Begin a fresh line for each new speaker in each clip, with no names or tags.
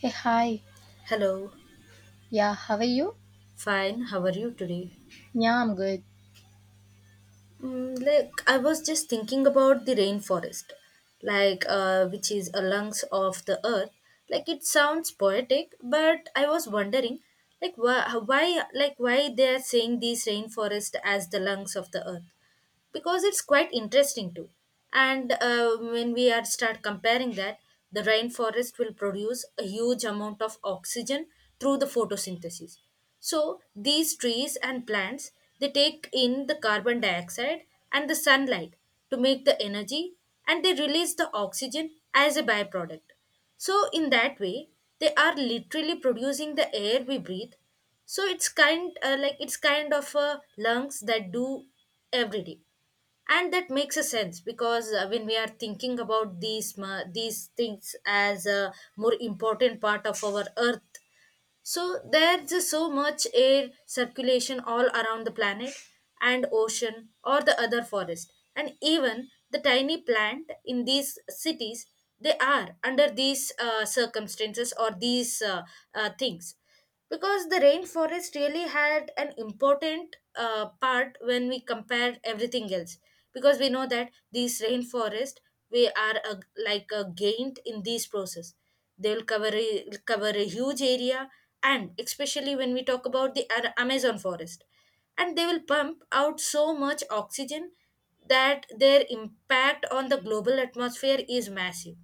Hey, hi.
Hello,
Yeah, how are you?
fine. How are you today?
Yeah, I'm good.
Like I was just thinking about the rainforest, like which is a lungs of the earth. Like it sounds poetic, but I was wondering, like why they are saying these rainforest as the lungs of the earth. Because it's quite interesting too, and when we are start comparing that the rainforest will produce a huge amount of oxygen through the photosynthesis. So these trees and plants, they take in the carbon dioxide and the sunlight to make the energy, and they release the oxygen as a byproduct. So in that way, they are literally producing the air we breathe. So it's kind like it's kind of lungs that do every day. And that makes a sense, because when we are thinking about these things as a more important part of our earth, so there's just so much air circulation all around the planet, and ocean or the other forest and even the tiny plant in these cities, they are under these circumstances or these things, because the rainforest really had an important part when we compare everything else. Because we know that these rainforest, we are a, like a gained in these process, they will cover a huge area. And especially when we talk about the amazon forest, and they will pump out so much oxygen that their impact on the global atmosphere is massive.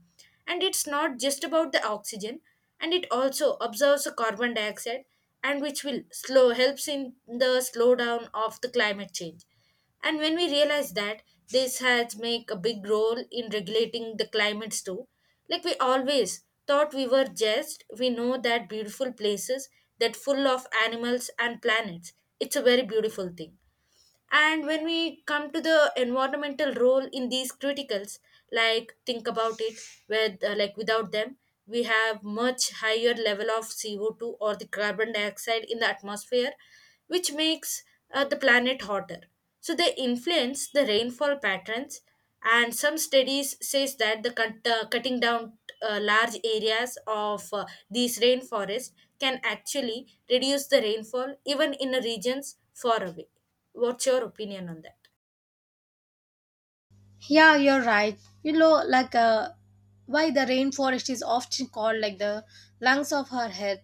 And it's not just about the oxygen, and it also absorbs the carbon dioxide, and which will slow helps in the slowdown of the climate change. And when we realize that, this has make a big role in regulating the climates too. Like we always thought we were just, we know that beautiful places that full of animals and planets. It's a very beautiful thing. And when we come to the environmental role in these criticals, like think about it, with without them, we have much higher level of CO2 or the carbon dioxide in the atmosphere, which makes the planet hotter. So they influence the rainfall patterns, and some studies says that cutting down large areas of these rainforest can actually reduce the rainfall even in the regions far away. What's your opinion on that?
Yeah, you're right. You know, why the rainforest is often called like the lungs of her earth.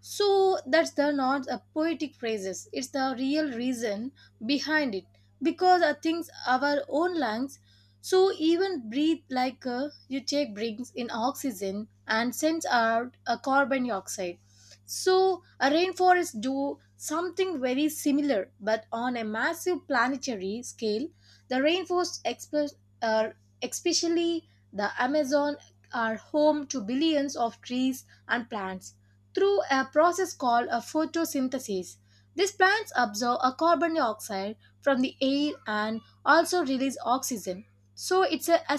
So that's the not a poetic phrases. It's the real reason behind it because I think our own lungs. So even breathe you take brings in oxygen and sends out a carbon dioxide. So a rainforest do something very similar, but on a massive planetary scale. The rainforest express uh, especially the Amazon, are home to billions of trees and plants through a process called a photosynthesis. These plants absorb a carbon dioxide from the air and also release oxygen. So it's a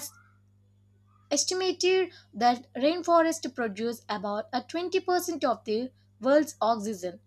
estimated that rainforests produce about a 20% of the world's oxygen,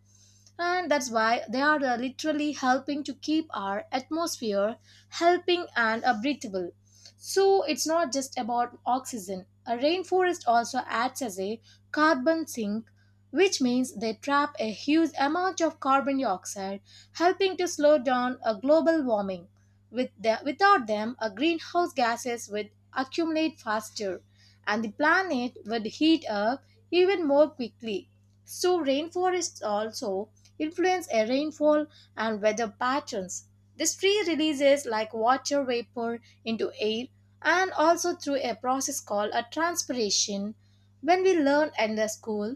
and that's why they are literally helping to keep our atmosphere helping and breathable. So it's not just about oxygen, a rainforest also acts as a carbon sink, which means they trap a huge amount of carbon dioxide, helping to slow down a global warming. Without them, greenhouse gases would accumulate faster and the planet would heat up even more quickly. So, rainforests also influence air rainfall and weather patterns. This tree releases like water vapor into air and also through a process called a transpiration. When we learn in the school,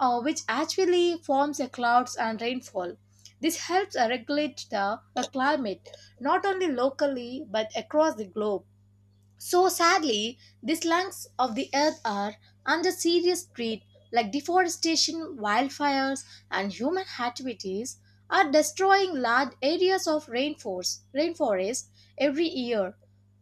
which actually forms a clouds and rainfall. This helps regulate the climate, not only locally but across the globe. So sadly, these lungs of the earth are under serious threat, like deforestation, wildfires, and human activities are destroying large areas of rainforest every year.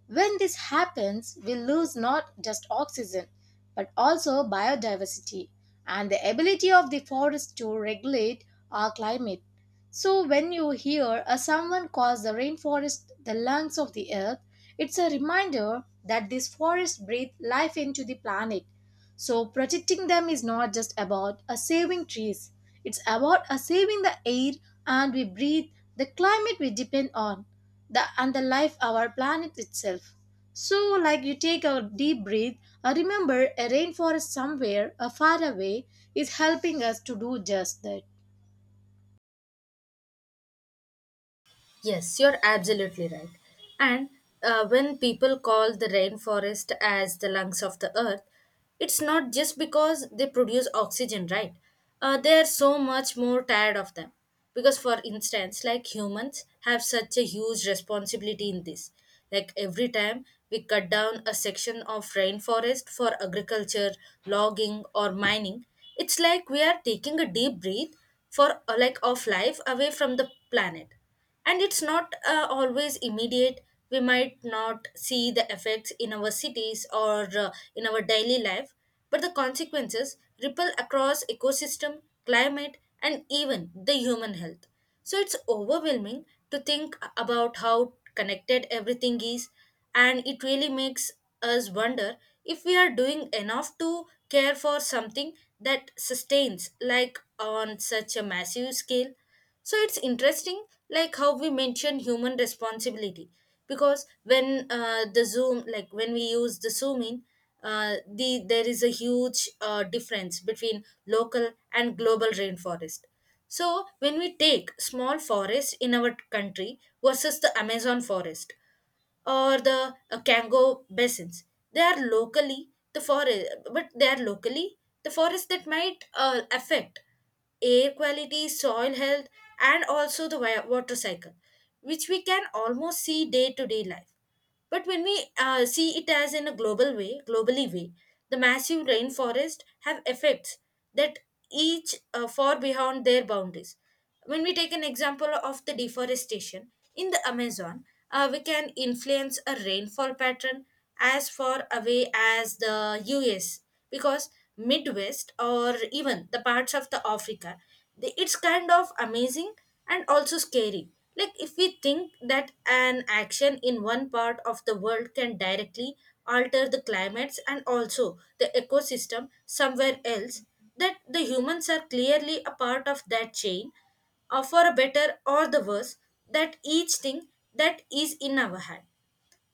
When this happens, we lose not just oxygen, but also biodiversity and the ability of the forest to regulate our climate. So when you hear a someone calls the rainforest the lungs of the earth, it's a reminder that these forests breathe life into the planet. So protecting them is not just about a saving trees. It's about a saving the air and we breathe, the climate we depend on, the and the life our planet itself. So like you take a deep breath, I remember a rainforest somewhere far away is helping us to do just that.
Yes, you're absolutely right. And when people call the rainforest as the lungs of the earth, it's not just because they produce oxygen, right? They are so much more tired of them. Because, for instance, like humans have such a huge responsibility in this. Like every time we cut down a section of rainforest for agriculture, logging, or mining, it's like we are taking a deep breath for of life away from the planet. And it's not always immediate. We might not see the effects in our cities or in our daily life, but the consequences ripple across ecosystem, climate, and even the human health. So it's overwhelming to think about how connected everything is, and it really makes us wonder if we are doing enough to care for something that sustains, like on such a massive scale. So it's interesting, like how we mention human responsibility, because when the zoom, like when we use the zoom in, there is a huge difference between local and global rainforest. So when we take small forest in our country versus the Amazon forest, or the Kango basins. They are locally the forest, but they are locally the forest that might affect air quality, soil health, and also the water cycle, which we can almost see day to day life. But when we see it as in a global way, globally way, the massive rainforest have effects that each far beyond their boundaries. When we take an example of the deforestation in the Amazon, we can influence a rainfall pattern as far away as the US, because midwest or even the parts of the africa, they, it's kind of amazing and also scary. Like if we think that an action in one part of the world can directly alter the climates and also the ecosystem somewhere else, that the humans are clearly a part of that chain, or for a better or the worse, that each thing that is in our hand.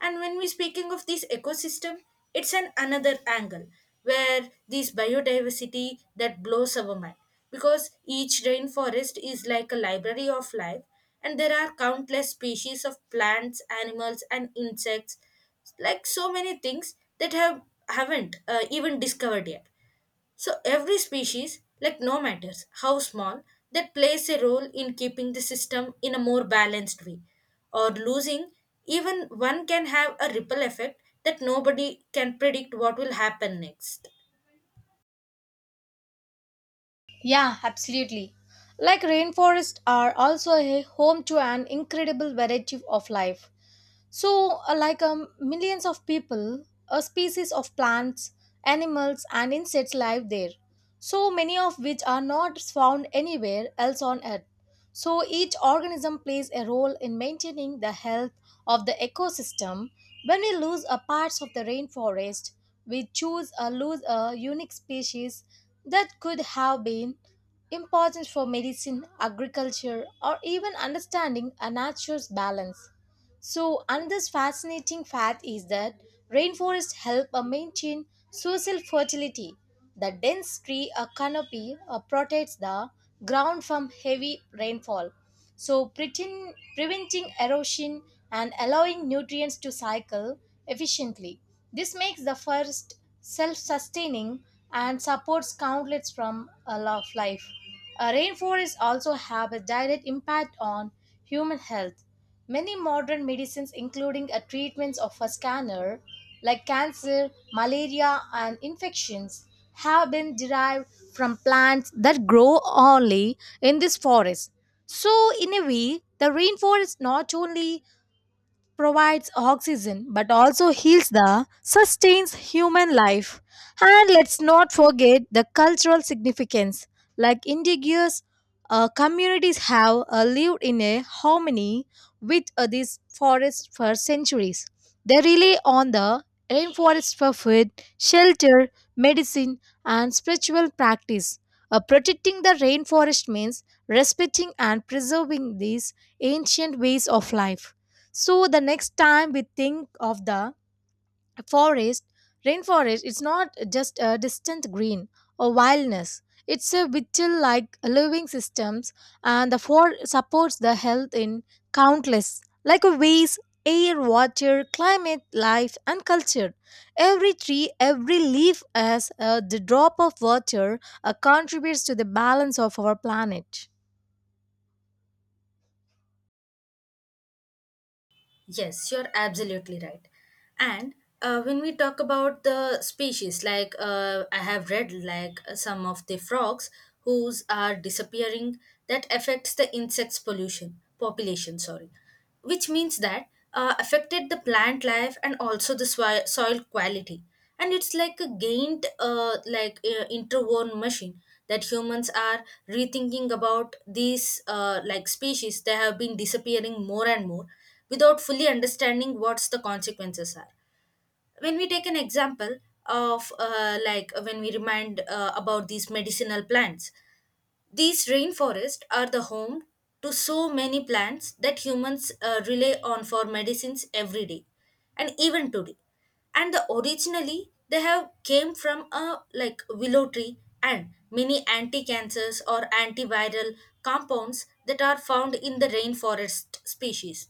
And when we speaking of this ecosystem, it's an another angle where this biodiversity that blows our mind, because each rainforest is like a library of life, and there are countless species of plants, animals and insects, like so many things that haven't even discovered yet. So every species, like no matters how small, that plays a role in keeping the system in a more balanced way. Or losing even one can have a ripple effect that nobody can predict what will happen next.
Yeah, absolutely. Like rainforests are also a home to an incredible variety of life. So, millions of people, a species of plants, animals, and insects live there. So many of which are not found anywhere else on Earth. So each organism plays a role in maintaining the health of the ecosystem. When we lose a parts of the rainforest, we choose or lose a unique species that could have been important for medicine, agriculture, or even understanding a nature's balance. So another fascinating fact is that rainforests help maintain social fertility. The dense tree canopy protects the ground from heavy rainfall, so preventing erosion and allowing nutrients to cycle efficiently. This makes the forest self-sustaining and supports countlets from a lot of life. Rainforests also have a direct impact on human health. Many modern medicines, including a treatments of a scanner, like cancer, malaria, and infections, have been derived from plants that grow only in this forest. So, in a way, the rainforest not only provides oxygen but also heals the sustains human life. And let's not forget the cultural significance, like indigenous communities have lived in a harmony with these forests for centuries. They rely on the rainforest for food, shelter, medicine, and spiritual practice. Protecting the rainforest means respecting and preserving these ancient ways of life. So the next time we think of the forest, rainforest, it's not just a distant green or wildness. It's a vital like living systems, and the forest supports the health in countless like ways: air, water, climate, life and culture. Every tree, every leaf has the drop of water contributes to the balance of our planet.
Yes, you're absolutely right. And when we talk about the species, like I have read, like some of the frogs whose are disappearing, that affects the insects pollution population. Sorry, which means that affected the plant life and also the soil quality. And it's like a gained, interwoven machine that humans are rethinking about these species. They have been disappearing more and more without fully understanding what's the consequences are. When we take an example of when we remind about these medicinal plants, these rainforests are the home to so many plants that humans rely on for medicines every day and even today. And the originally they have came from a like willow tree, and many anti-cancers or antiviral compounds that are found in the rainforest species.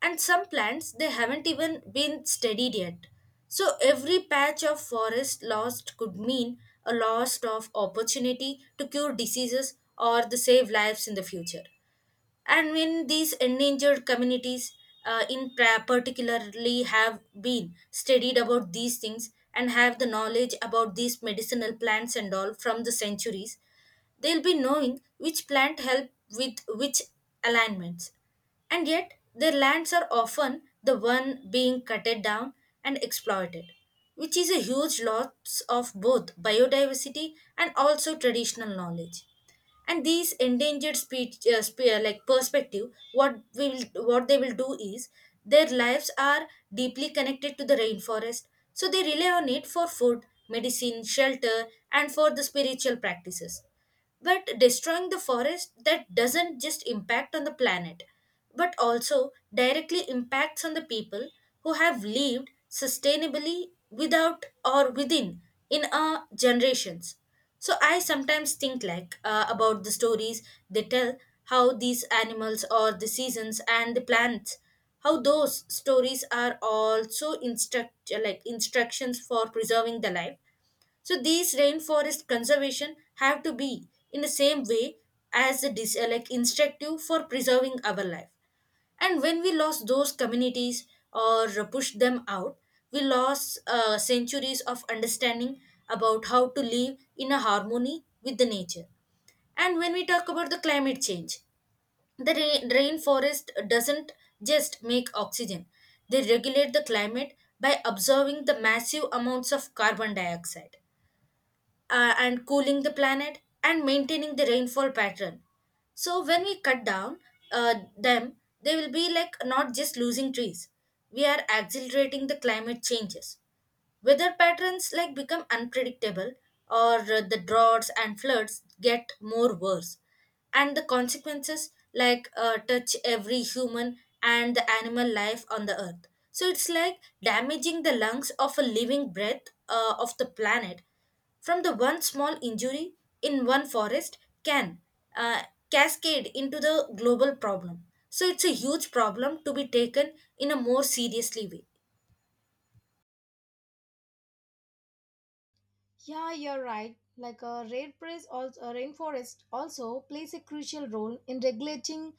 And some plants, they haven't even been studied yet. So every patch of forest lost could mean a loss of opportunity to cure diseases or the save lives in the future. And when these endangered communities, particularly have been studied about these things and have the knowledge about these medicinal plants and all from the centuries, they'll be knowing which plant help with which alignments, and yet their lands are often the one being cutted down and exploited, which is a huge loss of both biodiversity and also traditional knowledge. And these endangered speech spe- like perspective what we will what they will do is, their lives are deeply connected to the rainforest. So they rely on it for food medicine shelter and for the spiritual practices, but destroying the forest that doesn't just impact on the planet, but also directly impacts on the people who have lived sustainably without or within in our generations. So I sometimes think like about the stories they tell, how these animals or the seasons and the plants, how those stories are also instructions for preserving the life. So these rainforest conservation have to be in the same way as the dis- like instructive for preserving our life. And when we lost those communities or pushed them out, we lost centuries of understanding about how to live in a harmony with the nature. And when we talk about the climate change, the rainforest doesn't just make oxygen. They regulate the climate by absorbing the massive amounts of carbon dioxide and cooling the planet and maintaining the rainfall pattern. So when we cut down them, they will be like not just losing trees. We are accelerating the climate changes. Weather patterns like become unpredictable, or the droughts and floods get more worse. And the consequences like touch every human and the animal life on the earth. So it's like damaging the lungs of a living breath of the planet. From the one small injury in one forest can uh, cascade into the global problem. So it's a huge problem to be taken in a more seriously way.
Yeah, you're right. A rainforest also plays a crucial role in regulating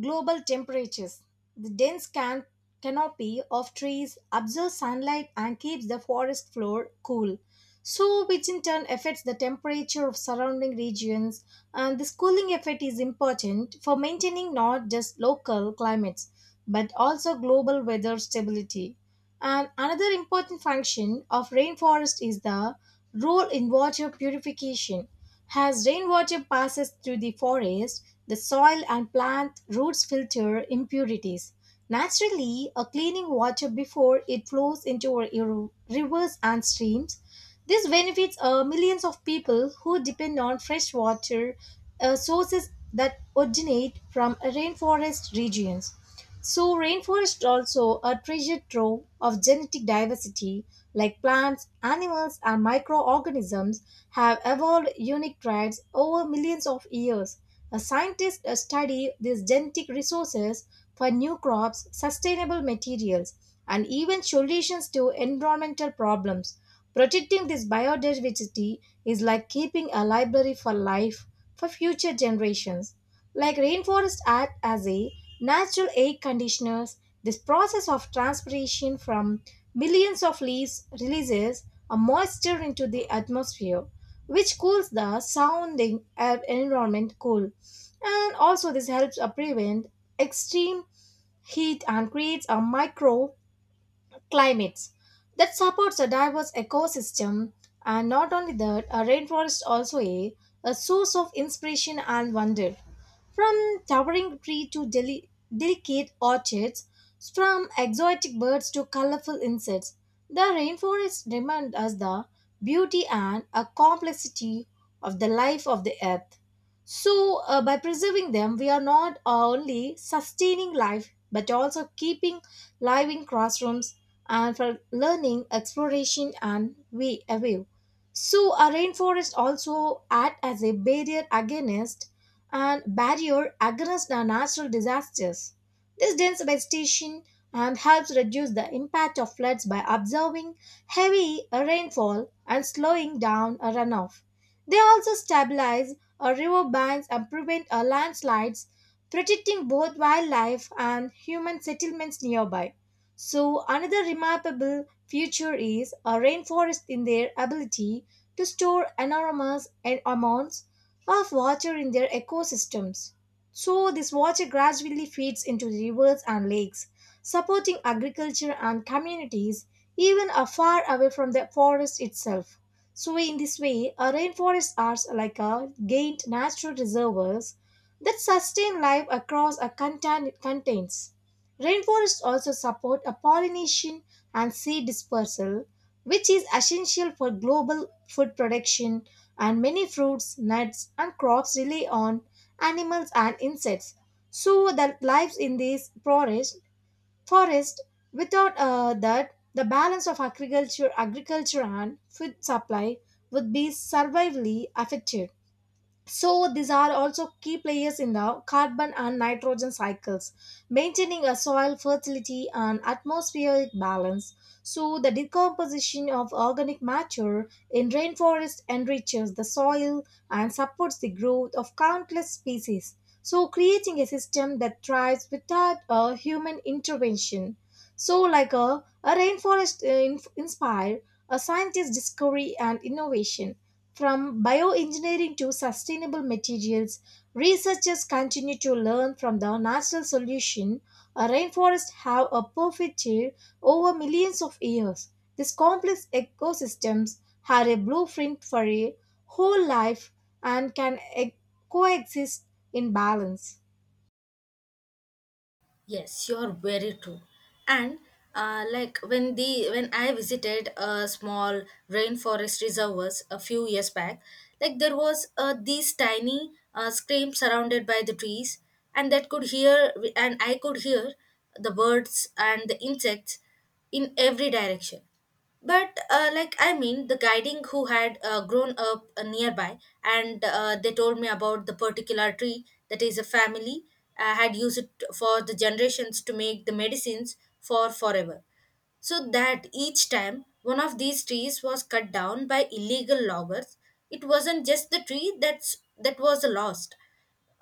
global temperatures. The dense canopy of trees absorbs sunlight and keeps the forest floor cool, so which in turn affects the temperature of surrounding regions. And this cooling effect is important for maintaining not just local climates but also global weather stability. And another important function of rainforest is the role in water purification. As rainwater passes through the forest, the soil and plant roots filter impurities. Naturally, a cleaning water before it flows into our rivers and streams. This benefits millions of people who depend on fresh water sources that originate from rainforest regions. So, rainforest also a treasure trove of genetic diversity, like plants, animals, and microorganisms have evolved unique traits over millions of years. A scientist study these genetic resources for new crops, sustainable materials, and even solutions to environmental problems. Protecting this biodiversity is like keeping a library for life for future generations. Like rainforests act as a natural air conditioners, this process of transpiration from millions of leaves releases a moisture into the atmosphere, which cools the surrounding air environment cool. And also this helps prevent extreme heat and creates a micro climates that supports a diverse ecosystem. And not only that, a rainforest also a source of inspiration and wonder, from towering tree to delicate orchids, from exotic birds to colorful insects. The rainforest reminds us the beauty and a complexity of the life of the earth. So by preserving them we are not only sustaining life but also keeping living classrooms and for learning, exploration, and we view. So a rainforest also act as a barrier against the natural disasters. This dense vegetation and helps reduce the impact of floods by absorbing heavy rainfall and slowing down a runoff. They also stabilize a river banks and prevent a landslides, protecting both wildlife and human settlements nearby. So, another remarkable feature is a rainforest in their ability to store enormous amounts of water in their ecosystems. So, this water gradually feeds into the rivers and lakes, supporting agriculture and communities even are far away from the forest itself. So, in this way, a rainforest are like a gained natural reservoirs that sustain life across a contains. Rainforests also support a pollination and seed dispersal, which is essential for global food production, and many fruits, nuts, and crops rely on animals and insects. So that lives in these forest without that the balance of agriculture and food supply would be severely affected. So these are also key players in the carbon and nitrogen cycles, maintaining a soil fertility and atmospheric balance. So the decomposition of organic matter in rainforest enriches the soil and supports the growth of countless species. So, creating a system that thrives without human intervention. So, like a rainforest inspire a scientist discovery and innovation. From bioengineering to sustainable materials, researchers continue to learn from the natural solution. A rainforest have a perfect shade over millions of years. These complex ecosystems have a blueprint for a whole life and can coexist in balance.
Yes, you're very true. And when I visited a small rainforest reservoirs a few years back, like there was these tiny scream surrounded by the trees, and that could hear and I could hear the birds and the insects in every direction. But I mean, the guiding who had grown up nearby, and they told me about the particular tree that is a family had used it for the generations to make the medicines for forever. So that each time one of these trees was cut down by illegal loggers, it wasn't just the tree that was lost,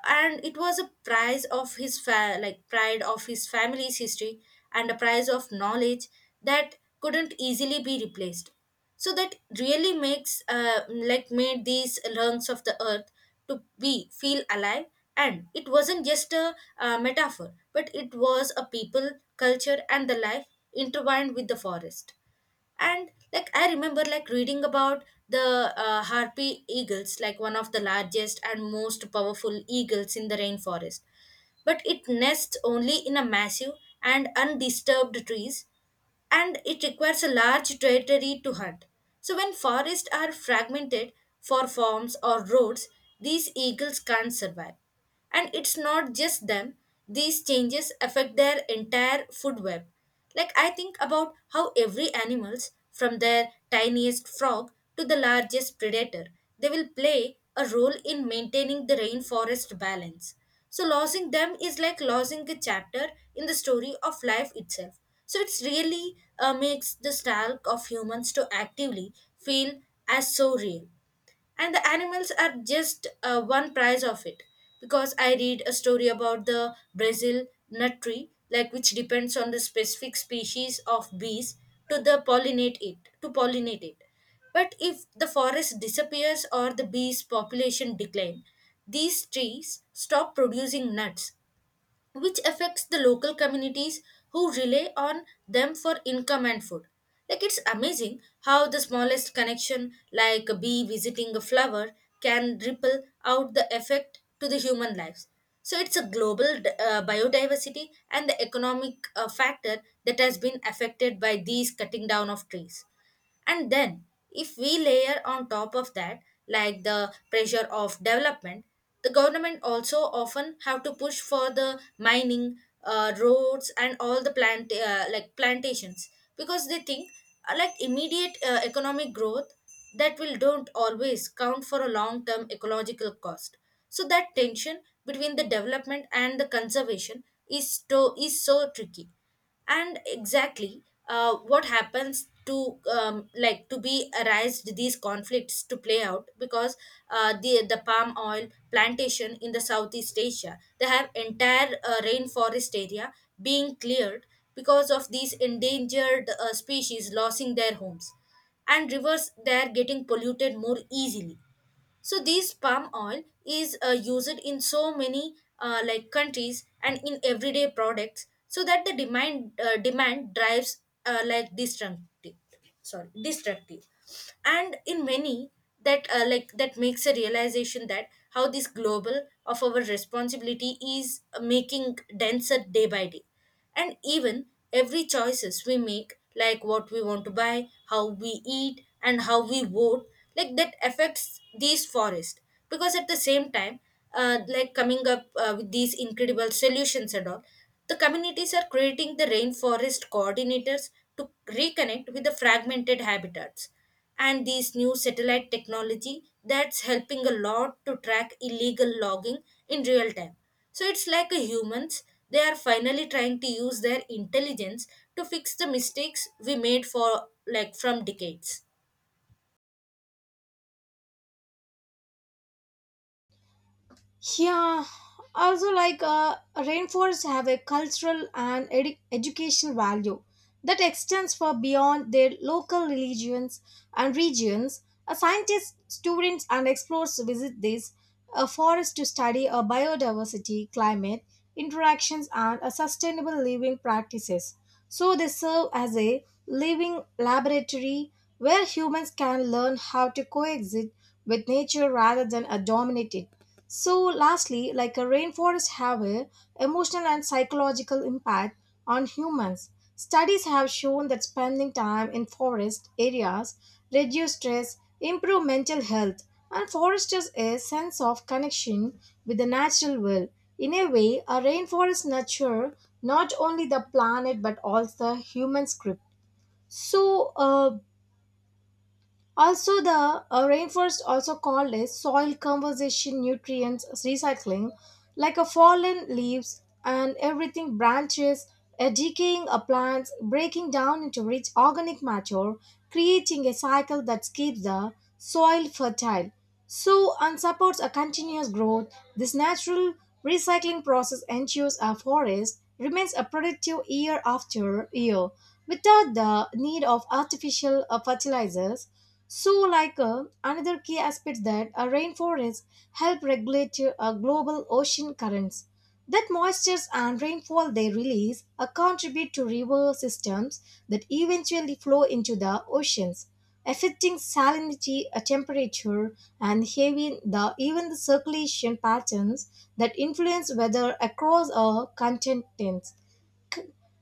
and it was a prize of like pride of his family's history and a prize of knowledge that couldn't easily be replaced. So that really makes like made these lungs of the earth to be feel alive, and it wasn't just a metaphor, but it was a people, culture and the life intertwined with the forest. And like I remember like reading about the harpy eagles, like one of the largest and most powerful eagles in the rainforest, but it nests only in a massive and undisturbed trees, and it requires a large territory to hunt. So, when forests are fragmented for farms or roads, these eagles can't survive. And it's not just them, these changes affect their entire food web. Like, I think about how every animals, from their tiniest frog to the largest predator, they will play a role in maintaining the rainforest balance. So losing them is like losing a chapter in the story of life itself. So it's really makes the style of humans to actively feel as so real, and the animals are just one price of it, because I read a story about the brazil nut tree, like which depends on the specific species of bees to the pollinate it to pollinate it, but if the forest disappears or the bees population decline, these trees stop producing nuts, which affects the local communities who rely on them for income and food. Like, it's amazing how the smallest connection, like a bee visiting a flower, can ripple out the effect to the human lives. So it's a global biodiversity and the economic factor that has been affected by these cutting down of trees. And then, if we layer on top of that, like the pressure of development, the government also often have to push for the mining, roads and all the plant like plantations, because they think like immediate economic growth that will don't always count for a long term ecological cost. So that tension between the development and the conservation is so tricky. And exactly what happens to like to be arised these conflicts to play out, because the palm oil plantation in the southeast asia, they have entire rainforest area being cleared, because of these endangered species losing their homes, and rivers they are getting polluted more easily. So this palm oil is used in so many like countries and in everyday products, so that the demand drives like destructive, sorry, destructive, and in many, that like that makes a realization that how this global of our responsibility is making denser day by day. And even every choices we make, like what we want to buy, how we eat and how we vote, like that affects these forests. Because at the same time, like coming up with these incredible solutions and all, the communities are creating the rainforest coordinators to reconnect with the fragmented habitats, and these new satellite technology that's helping a lot to track illegal logging in real time. So it's like a humans, they are finally trying to use their intelligence to fix the mistakes we made for like from decades.
Yeah, also rainforests have a cultural and educational value that extends far beyond their local religions and regions. A scientist, students, and explorers visit these forests to study biodiversity, climate interactions, and sustainable living practices. So they serve as a living laboratory where humans can learn how to coexist with nature rather than dominate it. So, lastly, like a rainforest have a emotional and psychological impact on humans. Studies have shown that spending time in forest areas reduce stress, improve mental health, and fosters a sense of connection with the natural world. In a way, a rainforest nurture not only the planet but also the human script. So, also, the rainforest, also called as soil conservation, nutrients recycling, like a fallen leaves and everything branches, a decaying plants breaking down into rich organic matter, creating a cycle that keeps the soil fertile. So, and supports a continuous growth. This natural recycling process ensures a forest remains a productive year after year without the need of artificial fertilizers. So, another key aspect that a rainforest help regulate global ocean currents. That moistures and rainfall they release contribute to river systems that eventually flow into the oceans, affecting salinity, temperature, and even the circulation patterns that influence weather across our continents.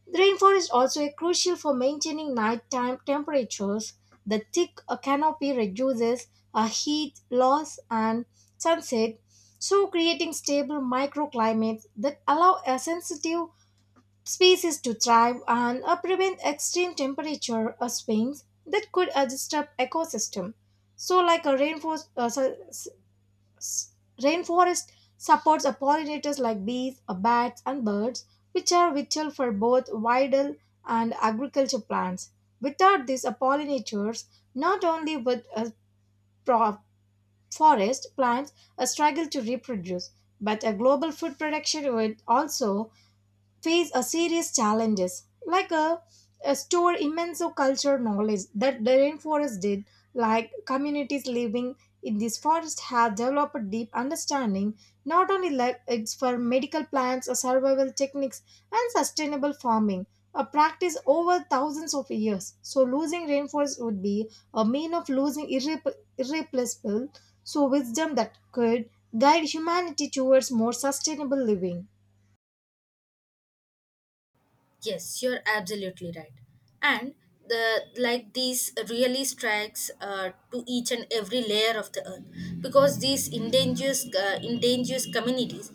The rainforest also is crucial for maintaining nighttime temperatures. The thick canopy reduces heat loss and sunset, so creating stable microclimates that allow a sensitive species to thrive and prevent extreme temperature swings that could disturb ecosystem. So, like a rainforest su- S- Rainforest supports a pollinators like bees, bats, and birds, which are vital for both wild and agriculture plants. Without these pollinators, not only would pro- forest plants struggle to reproduce, but a global food production would also face a serious challenges, like a store immense cultural knowledge that the rainforest did, like communities living in this forest have developed a deep understanding not only like it's for medical plants or survival techniques and sustainable farming a practice over thousands of years. So losing rainforest would be a mean of losing irreplaceable so wisdom that could guide humanity towards more sustainable living.
Yes, you're absolutely right. And the like these really strikes to each and every layer of the earth, because these endangered endangers communities,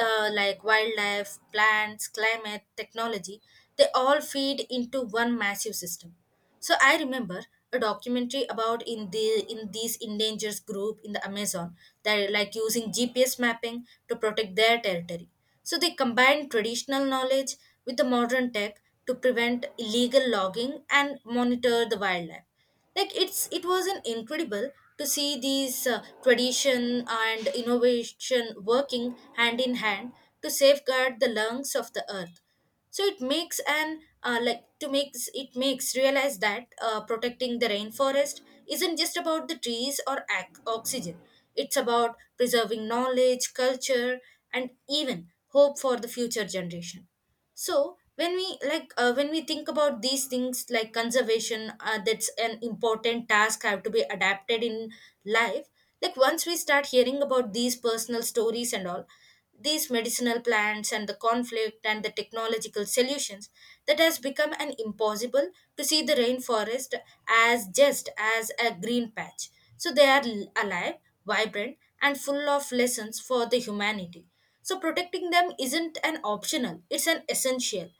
like wildlife, plants, climate, technology, they all feed into one massive system. So I remember a documentary about in the in these endangered group in the Amazon, that like using GPS mapping to protect their territory. So they combine traditional knowledge with the modern tech to prevent illegal logging and monitor the wildlife. Like it was an incredible to see these tradition and innovation working hand in hand to safeguard the lungs of the earth. So it makes an like to makes it makes realize that protecting the rainforest isn't just about the trees or oxygen, it's about preserving knowledge, culture and even hope for the future generation. So when we when we think about these things like conservation, that's an important task have to be adapted in life. Like, once we start hearing about these personal stories and all, these medicinal plants and the conflict and the technological solutions, that has become an impossible to see the rainforest as just as a green patch. So they are alive, vibrant and full of lessons for the humanity. So protecting them isn't an optional, it's an essential.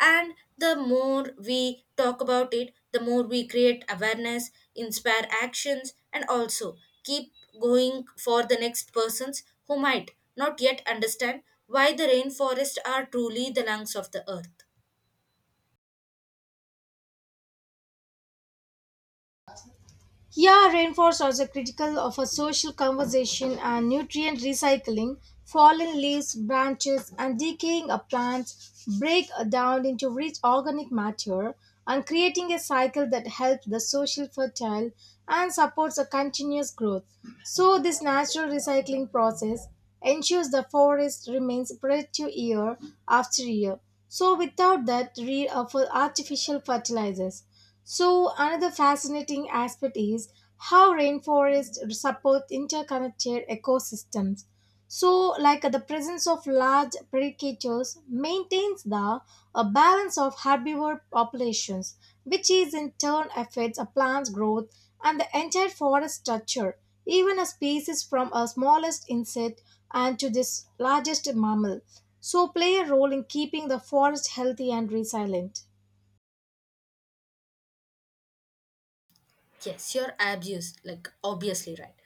And the more we talk about it, the more we create awareness, inspire actions, and also keep going for the next persons who might not yet understand why the rainforests are truly the lungs of the earth.
Yeah, rainforests are critical of a social conversation and nutrient recycling. Fallen leaves, branches, and decaying plants break down into rich organic matter and creating a cycle that helps the social fertile and supports a continuous growth. So this natural recycling process ensures the forest remains productive year after year. So without that, for artificial fertilizers. So, another fascinating aspect is how rainforests support interconnected ecosystems. So, the presence of large predators maintains the a balance of herbivore populations, which is in turn affects a plant's growth and the entire forest structure, even a species from a smallest insect and to this largest mammal. So, play a role in keeping the forest healthy and resilient.
Yes, you're obvious, like obviously right.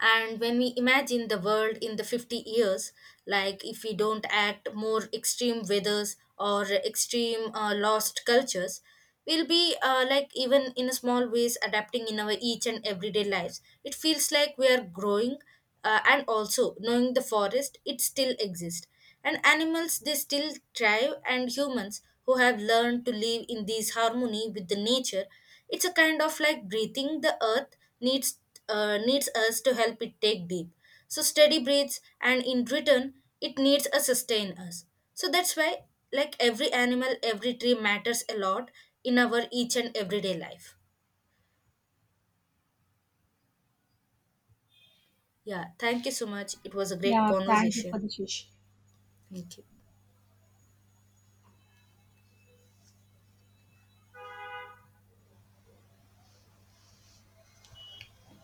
And when we imagine the world in the 50 years, like if we don't act, more extreme weathers or extreme lost cultures, we'll be like even in small ways adapting in our each and everyday lives. It feels like we are growing and also knowing the forest, it still exists. And animals, they still thrive, and humans who have learned to live in this harmony with the nature, it's a kind of like breathing. The earth needs needs us to help it take deep. So steady breaths, and in return, it needs us sustain us. So that's why, like every animal, every tree matters a lot in our each and everyday life. Yeah, thank you so much. It was a great
Yeah, thank you for
conversation.
the session.
Thank you.